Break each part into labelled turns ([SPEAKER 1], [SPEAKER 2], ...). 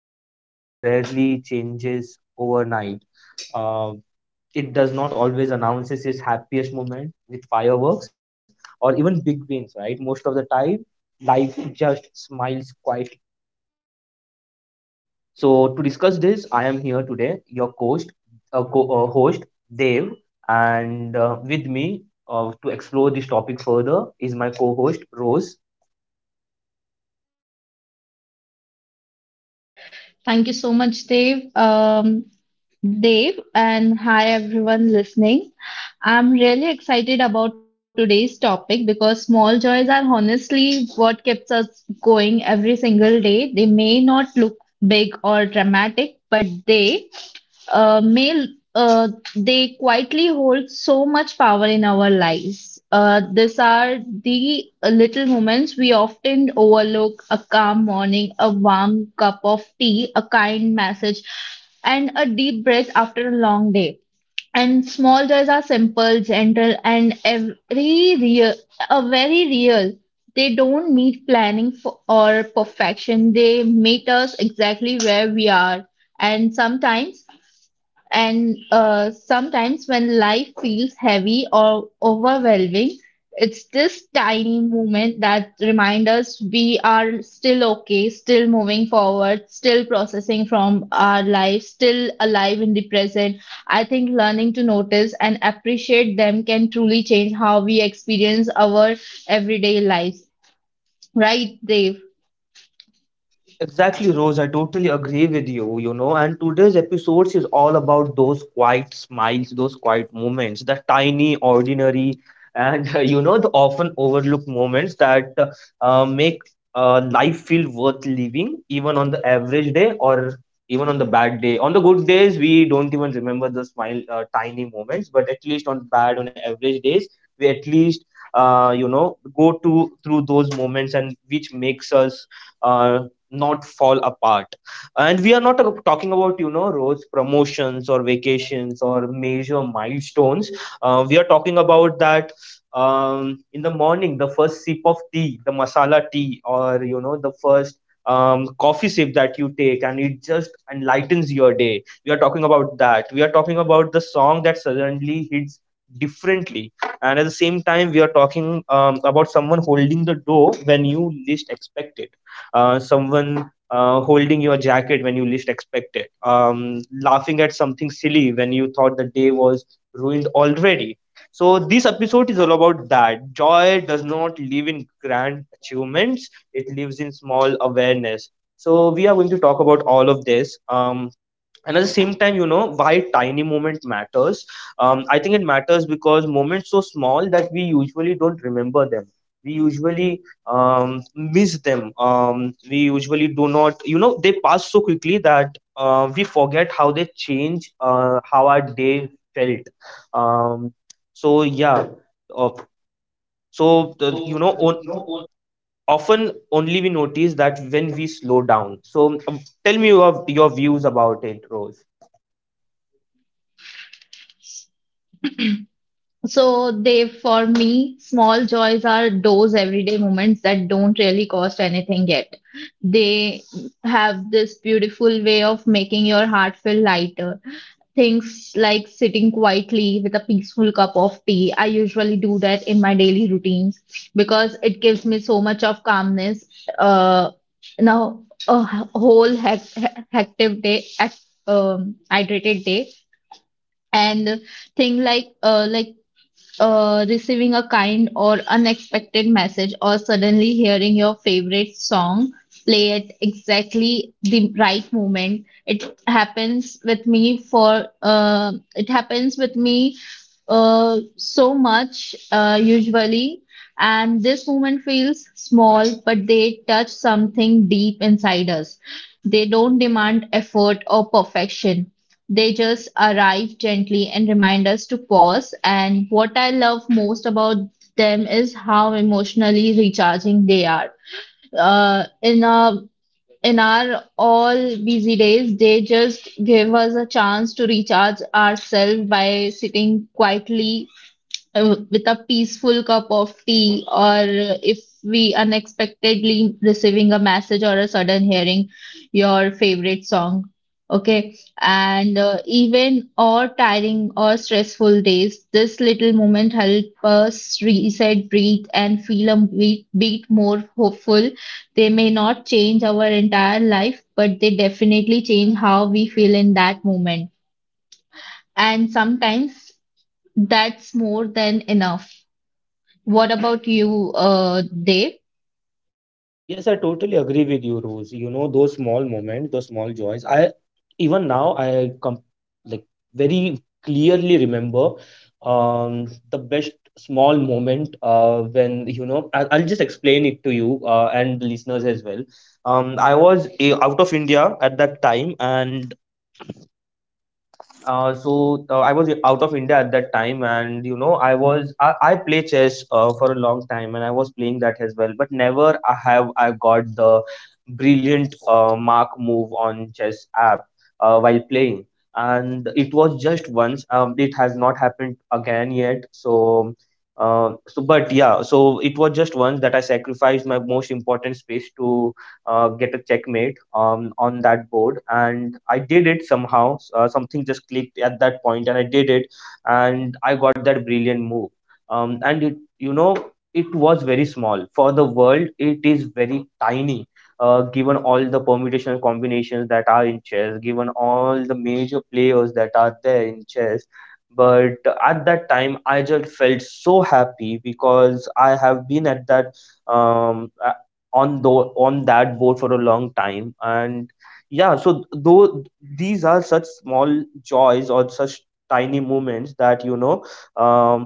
[SPEAKER 1] life rarely changes overnight. Uh, it does not always announces its happiest moment with fireworks or even big wins, right? Most of the time, life just smiles quietly, so to discuss this, I am here today, your host, host Dev, and with me, to explore this topic further, is my co-host Rose.
[SPEAKER 2] Thank you so much, Dave. Dave, and hi everyone listening. I'm really excited about today's topic because small joys are honestly what keeps us going every single day. They may not look big or dramatic, but uh, may uh, they quietly hold so much power in our lives. These are the little moments we often overlook: a calm morning, a warm cup of tea, a kind message, and a deep breath after a long day. And small joys are simple, gentle, and a very real. They don't need planning for, or perfection. They meet us exactly where we are. And sometimes and sometimes when life feels heavy or overwhelming, it's this tiny moment that reminds us we are still okay, still moving forward, still processing from our life, still alive in the present. I think learning to notice and appreciate them can truly change how we experience our everyday lives. Right, Dave?
[SPEAKER 1] Exactly, Rose. I totally agree with you, you know. And today's episode is all about those quiet smiles, those quiet moments, the tiny, ordinary, and the often overlooked moments that make life feel worth living, even on the average day or even on the bad day. On the good days, we don't even remember the smile, tiny moments, but at least on average days, we at least, go to through those moments and which makes us uh, not fall apart. And we are not, talking about, rose promotions or vacations or major milestones. We are talking about that. In the morning, the first sip of tea, the masala tea, or the first coffee sip that you take, and it just enlightens your day. We are talking about that. We are talking about the song that suddenly hits differently. And at the same time, we are talking, about someone holding the door when you least expect it. Someone holding your jacket when you least expect it. Laughing at something silly when you thought the day was ruined already. So, this episode is all about that. Joy does not live in grand achievements, it lives in small awareness. So, we are going to talk about all of this. And at the same time, you know why tiny moment matters. I think it matters because moments so small that we usually don't remember them. We usually miss them. We usually do not, they pass so quickly that we forget how they change, how our day felt. um, so yeah uh, the, you know on, often only we notice that when we slow down. So, tell me your views about it, Rose.
[SPEAKER 2] So they, for me, small joys are those everyday moments that don't really cost anything yet. They have this beautiful way of making your heart feel lighter. Things like sitting quietly with a peaceful cup of tea. I usually do that in my daily routines because it gives me so much of calmness. Uh, Now a h- whole hec- he- hectic day, hec- hydrated day, and thing like receiving a kind or unexpected message, or suddenly hearing your favorite song play at exactly the right moment. It happens with me for it happens with me so much usually. And this moment feels small, but they touch something deep inside us. They don't demand effort or perfection. They just arrive gently and remind us to pause. And what I love most about them is how emotionally recharging they are. Uh, in a in our all busy days, they just give us a chance to recharge ourselves by sitting quietly with a peaceful cup of tea, or if we unexpectedly receiving a message or a sudden hearing your favorite song. Okay, and even or tiring or stressful days, this little moment help us reset, breathe, and feel a bit more hopeful. They may not change our entire life, but they definitely change how we feel in that moment. And sometimes that's more than enough. What about you, Dave?
[SPEAKER 1] Yes, I totally agree with you, Rose. You know, those small moments, those small joys. I even now I come like very clearly remember the best small moment when I'll just explain it to you, and the listeners as well. I was out of India at that time, and I was out of India at that time, and I play chess for a long time, and I was playing that as well. But never I have I got the brilliant, mark move on chess app, while playing, and it was just once. It has not happened again yet. So. So but yeah so it was just once that I sacrificed my most important space to get a checkmate on that board. And I did it somehow. Something just clicked at that point, and I did it, and I got that brilliant move. And it was very small for the world. It is very tiny. Given all the permutational combinations that are in chess, given all the major players that are there in chess, but at that time I just felt so happy because I have been at that I on the on that boat for a long time, and yeah. So though these are such small joys or such tiny moments that you know um,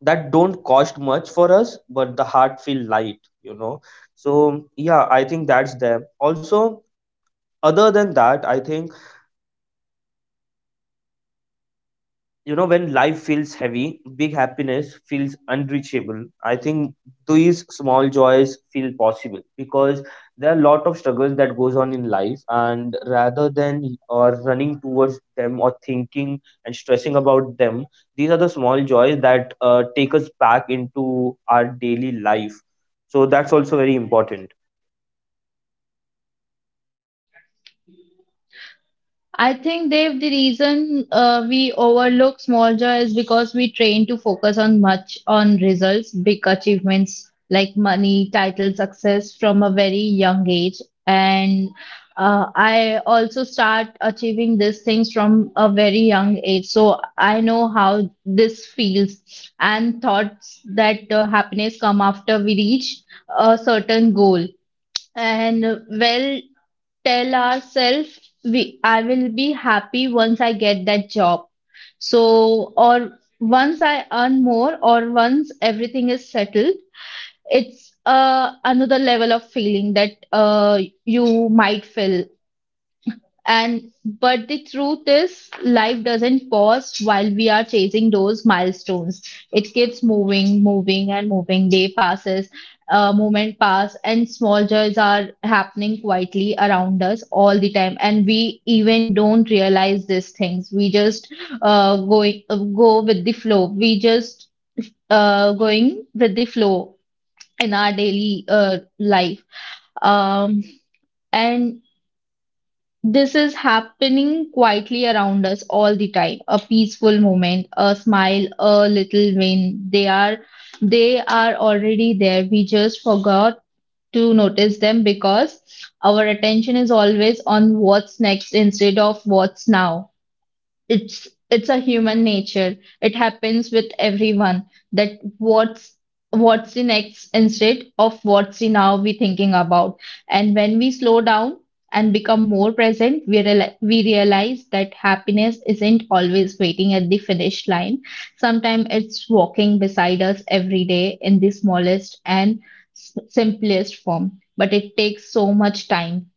[SPEAKER 1] that don't cost much for us, but the heart feel light. So yeah, I think that's there also. Other than that, I think, when life feels heavy, big happiness feels unreachable. I think these small joys feel possible because there are a lot of struggles that goes on in life, and rather than or running towards them or thinking and stressing about them, these are the small joys that take us back into our daily life. So that's also very important.
[SPEAKER 2] I think, Dave, the reason we overlook small joy is because we train to focus on much on results, big achievements like money, title, success from a very young age. And I also start achieving these things from a very young age. So I know how this feels, and thoughts that happiness come after we reach a certain goal. And well, tell ourselves we I will be happy once I get that job. So or once I earn more or once everything is settled, it's another level of feeling that you might feel. And but the truth is, life doesn't pause while we are chasing those milestones. It keeps moving, moving, and moving. Day passes, moment pass, and small joys are happening quietly around us all the time. And we even don't realize these things. We just going go with the flow. We just going with the flow in our daily life. Um, and this is happening quietly around us all the time. A peaceful moment, a smile, a little win. They are already there. We just forgot to notice them because our attention is always on what's next instead of what's now. It's a human nature. It happens with everyone that what's what's the next instead of what's the now we thinking about. And when we slow down and become more present, we realize that happiness isn't always waiting at the finish line. Sometimes it's walking beside us every day in the smallest and simplest form. But it takes so much time.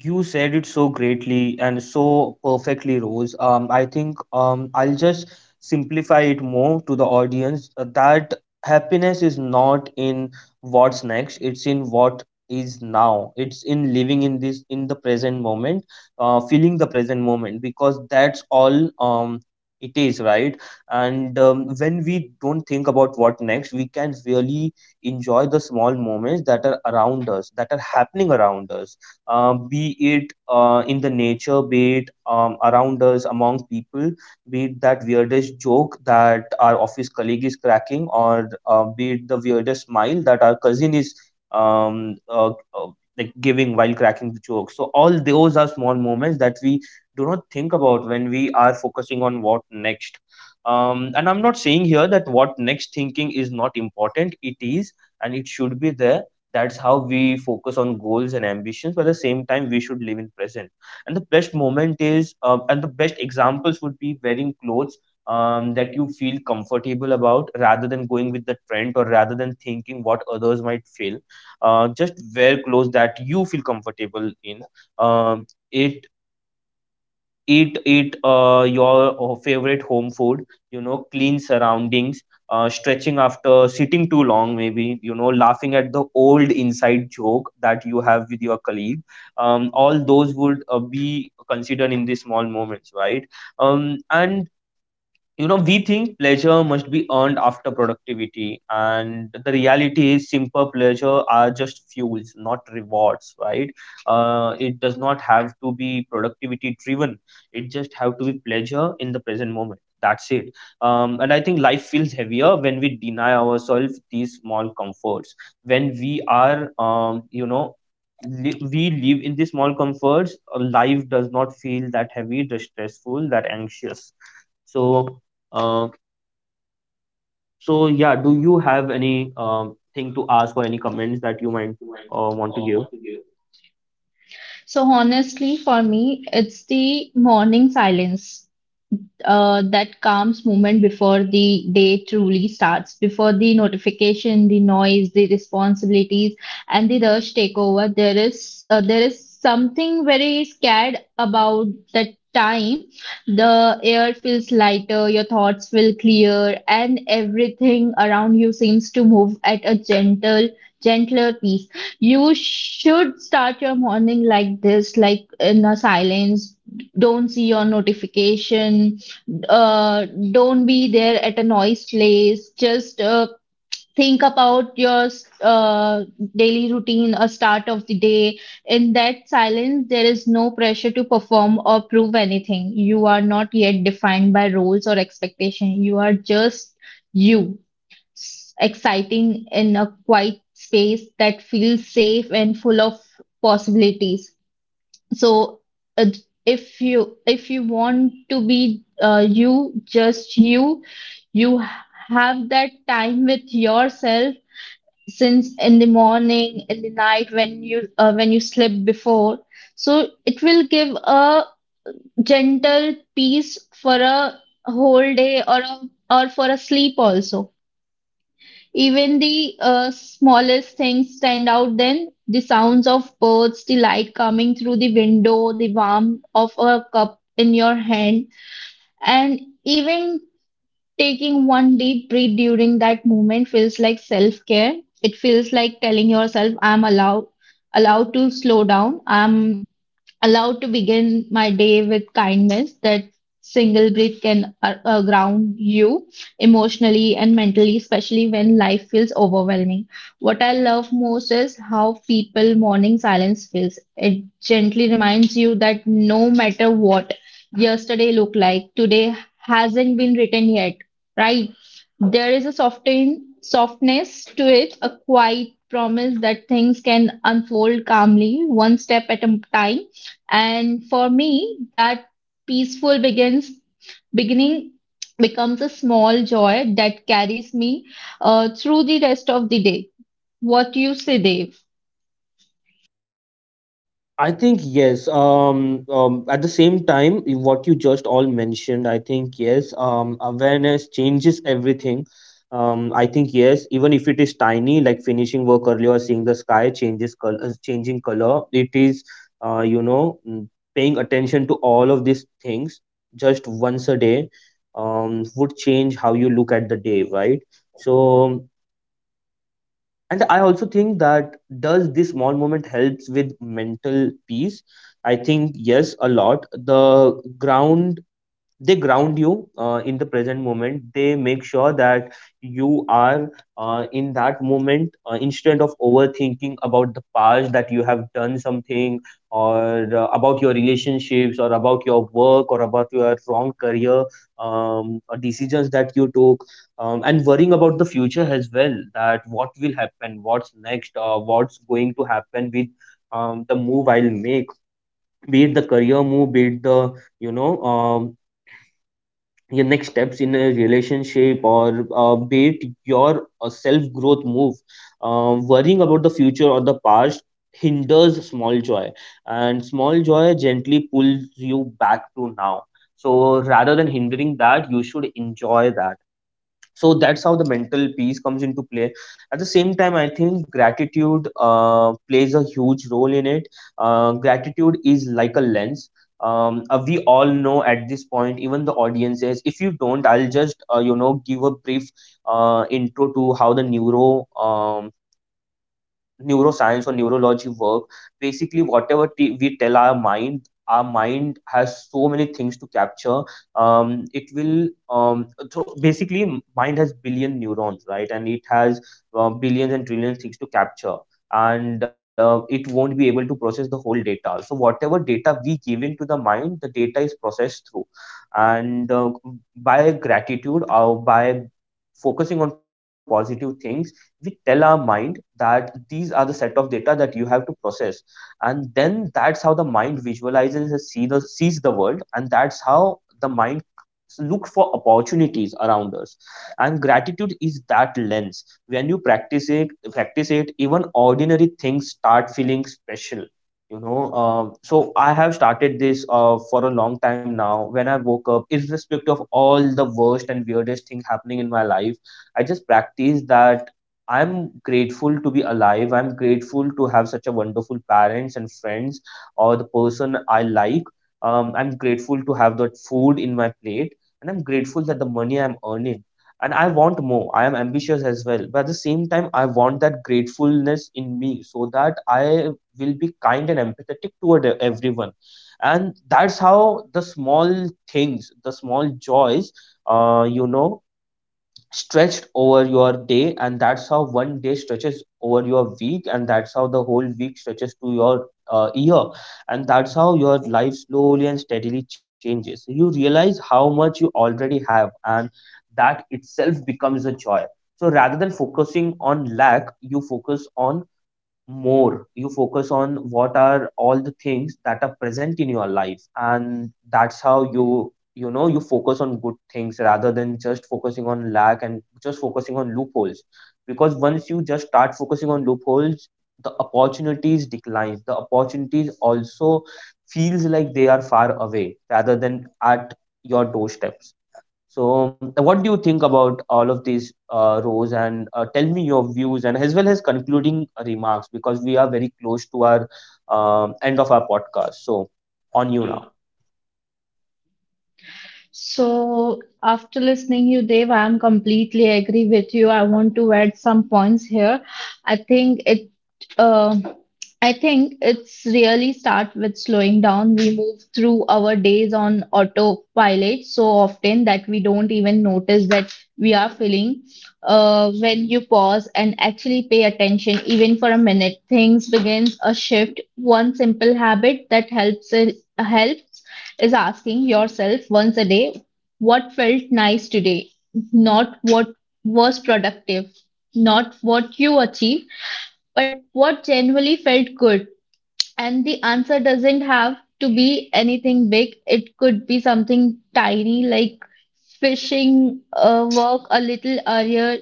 [SPEAKER 1] You said it so greatly and so perfectly, Rose. I think, I'll just simplify it more to the audience, that happiness is not in what's next, it's in what is now. It's in living in this in the present moment, feeling the present moment, because that's all it is, right? And when we don't think about what next, we can really enjoy the small moments that are around us, that are happening around us, be it, in the nature, be it, around us, among people, be it that weirdest joke that our office colleague is cracking, or, be it the weirdest smile that our cousin is um, uh, uh, like giving while cracking the joke. So all those are small moments that we do not think about when we are focusing on what next. And I'm not saying here that what next thinking is not important. It is, and it should be there. That's how we focus on goals and ambitions, but at the same time we should live in present. And the best examples would be wearing clothes, that you feel comfortable about rather than going with the trend or rather than thinking what others might feel. Just wear clothes that you feel comfortable in. Um, it eat eat your favorite home food, clean surroundings, stretching after sitting too long, maybe, laughing at the old inside joke that you have with your colleague. All those would be considered in these small moments, right? Um, and you know we think pleasure must be earned after productivity, and the reality is simple pleasure are just fuels, not rewards, right? It does not have to be productivity driven. It just have to be pleasure in the present moment, that's it. And I think life feels heavier when we deny ourselves these small comforts. When we are, we live in these small comforts, life does not feel that heavy, that stressful, that anxious. So uh, so yeah, do you have any thing to ask or any comments that you might want to give?
[SPEAKER 2] So honestly, for me, it's the morning silence, that calms moment before the day truly starts, before the notification, the noise, the responsibilities, and the rush take over. There is something very scared about that time. The air feels lighter, your thoughts feel clear, and everything around you seems to move at a gentler pace. You should start your morning like this, like in a silence. Don't see your notification. Don't be there at a noise place. Just think about your uh, daily routine, a start of the day. In that silence, there is no pressure to perform or prove anything. You are not yet defined by roles or expectation. You are just you, S- exciting in a quiet space that feels safe and full of possibilities. So, uh, if you want to be you just you you have that time with yourself since in the morning, in the night when you sleep before, so it will give a gentle peace for a whole day, or a, or for a sleep also. Even the smallest things stand out then. The sounds of birds, the light coming through the window, the warmth of a cup in your hand, and even taking one deep breath during that moment feels like self care. It feels like telling yourself, I'm allowed to slow down. I'm allowed to begin my day with kindness. That single breath can ground you emotionally and mentally, especially when life feels overwhelming. What I love most is how people morning silence feels. It gently reminds you that no matter what yesterday looked like, today hasn't been written yet, right? There is a softness to it, a quiet promise that things can unfold calmly one step at a time. And for me, that peaceful begins beginning becomes a small joy that carries me through the rest of the day. What do you say, Dave?
[SPEAKER 1] I think yes. At the same time, what you just all mentioned, I think yes. Awareness changes everything. I think yes. Even if it is tiny, like finishing work early or seeing the sky changing color, it is, uh, you know, mm, paying attention to all of these things just once a day, would change how you look at the day, right? So, and I also think that, does this small moment helps with mental peace? I think yes, a lot. the ground they ground you in the present moment. They make sure that you are in that moment, instead of overthinking about the past that you have done something, or about your relationships or about your work or about your wrong career, or decisions that you took, and worrying about the future as well, that what will happen, what's next, what's going to happen with the move I'll make, be it the career move, be it the you know your next steps in a relationship, or, be it your self growth move. Worrying about the future or the past hinders small joy, and small joy gently pulls you back to now. So rather than hindering that, you should enjoy that. So that's how the mental peace comes into play. At the same time, I think gratitude plays a huge role in it. Gratitude is like a lens. We all know at this point, even the audiences, if you don't, I'll just give a brief intro to how the um, neuroscience or neurology work. Basically, whatever we tell our mind, our mind has so many things to capture. Um, it will um, so basically, mind has billion neurons, right? And it has billions and trillions things to capture, and it won't be able to process the whole data. So whatever data we give into the mind, the data is processed through. And, by gratitude or by focusing on positive things, we tell our mind that these are the set of data that you have to process. And then that's how the mind visualizes and sees the world, and that's how the mind look for opportunities around us. And gratitude is that lens. When you practice it even ordinary things start feeling special. I have started this for a long time now. When I woke up, irrespective of all the worst and weirdest thing happening in my life, I just practice that. I'm grateful to be alive. I'm grateful to have such a wonderful parents and friends or the person I like. I'm grateful to have that food in my plate and I'm grateful that the money I'm earning. And I want more. I am ambitious as well. But at the same time, I want that gratefulness in me so that I will be kind and empathetic toward everyone. And that's how the small things, the small joys, uh, you know stretched over your day, and that's how one day stretches over your week, and that's how the whole week stretches to your year, and that's how your life slowly and steadily changes. So you realize how much you already have, and that itself becomes a joy. So rather than focusing on lack, you focus on more. You focus on what are all the things that are present in your life, and that's how you focus on good things rather than just focusing on lack and just focusing on loopholes. Because once you just start focusing on loopholes, the opportunities declines. The opportunities also feels like they are far away rather than at your doorstep. So, what do you think about all of these rows? And tell me your views and as well as concluding remarks, because we are very close to our end of our podcast. So, on you now.
[SPEAKER 2] So after listening you, Dave, I am completely agree with you. I want to add some points here. I think it Um, I think it's really start with slowing down. We move through our days on autopilot so often that we don't even notice that we are feeling. When you pause and actually pay attention, even for a minute, things begins a shift. One simple habit that helps is asking yourself once a day, what felt nice today? Not what was productive, not what you achieved, but what genuinely felt good. And the answer doesn't have to be anything big. It could be something tiny, like finishing a work a little earlier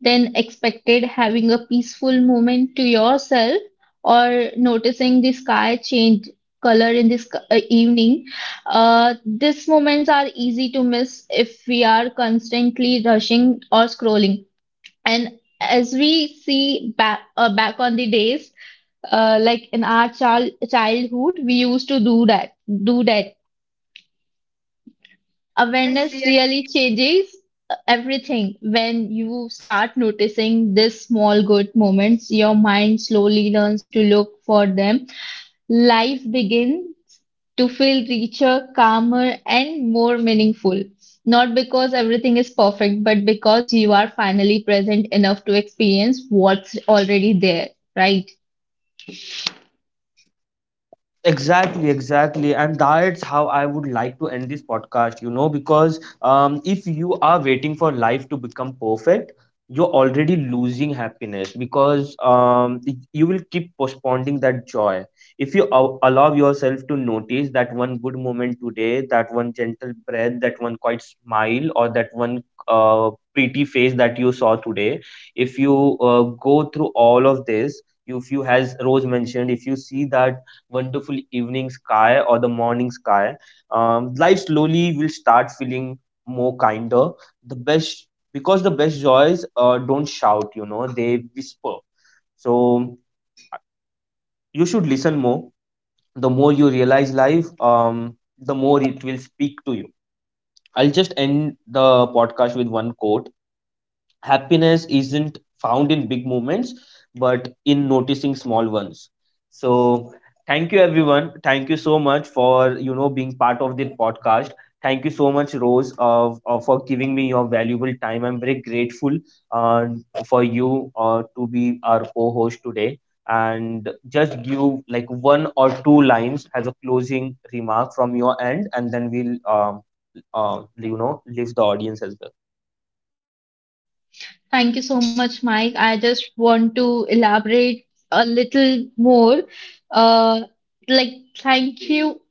[SPEAKER 2] than expected, having a peaceful moment to yourself, or noticing the sky change color in this evening. These moments are easy to miss if we are constantly rushing or scrolling. And as we see back, back on the days, like in our childhood we used to do that. Awareness really changes everything. When you start noticing these small good moments, your mind slowly learns to look for them. Life begins to feel richer, calmer, and more meaningful, not because everything is perfect, but because you are finally present enough to experience what's already there, right?
[SPEAKER 1] Exactly, exactly. And that's how I would like to end this podcast, you know, because if you are waiting for life to become perfect, you're already losing happiness, because you will keep postponing that joy. If you allow yourself to notice that one good moment today, that one gentle breath, that one quiet smile, or that one pretty face that you saw today, if you go through all of this, if you, as Rose mentioned, if you see that wonderful evening sky or the morning sky, life slowly will start feeling more kinder. The best, because the best joys don't shout, you know, they whisper. So you should listen more. The more you realize life, the more it will speak to you. I'll just end the podcast with one quote. Happiness isn't found in big moments, but in noticing small ones. So thank you everyone, thank you so much for being part of the podcast. Thank you so much Rose, for giving me your valuable time. I'm very grateful uh, for you to be our co-host today. And just give like one or two lines as a closing remark from your end, and then we'll leave the audience as well.
[SPEAKER 2] Thank you so much, Mike. I just want to elaborate a little more. Uh, like, thank you.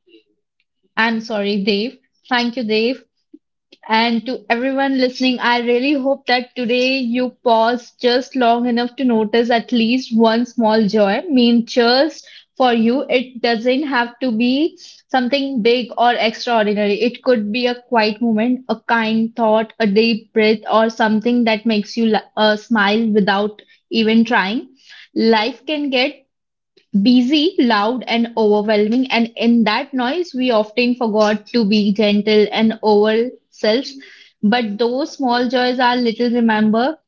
[SPEAKER 2] I'm sorry, Dave. Thank you, Dave, and to everyone listening, I really hope that today you paused just long enough to notice at least one small joy. I mean, just for you, it doesn't have to be something big or extraordinary. It could be a quiet moment, a kind thought, a deep breath, or something that makes you smile without even trying. Life can get busy, loud and overwhelming, and in that noise we often forgot to be gentle and ourselves. But those small joys are little remember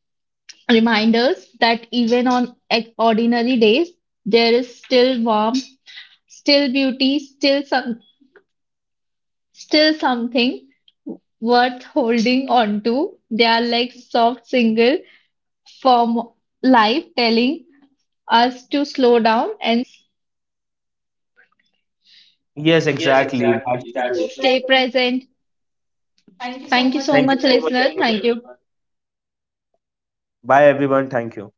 [SPEAKER 2] reminders that even on ordinary days there is still warmth, still beauty, still something worth holding on to. They are like soft single from life telling us to slow down and
[SPEAKER 1] Yes, exactly. That's Stay true. Stay
[SPEAKER 2] stay
[SPEAKER 1] present.
[SPEAKER 2] present.
[SPEAKER 1] Thank you so
[SPEAKER 2] Thank you
[SPEAKER 1] much,
[SPEAKER 2] so
[SPEAKER 1] Thank you
[SPEAKER 2] much. Thank
[SPEAKER 1] so listeners. Much,
[SPEAKER 2] listener. Thank
[SPEAKER 1] everyone.
[SPEAKER 2] you.
[SPEAKER 1] Bye, everyone. Thank you.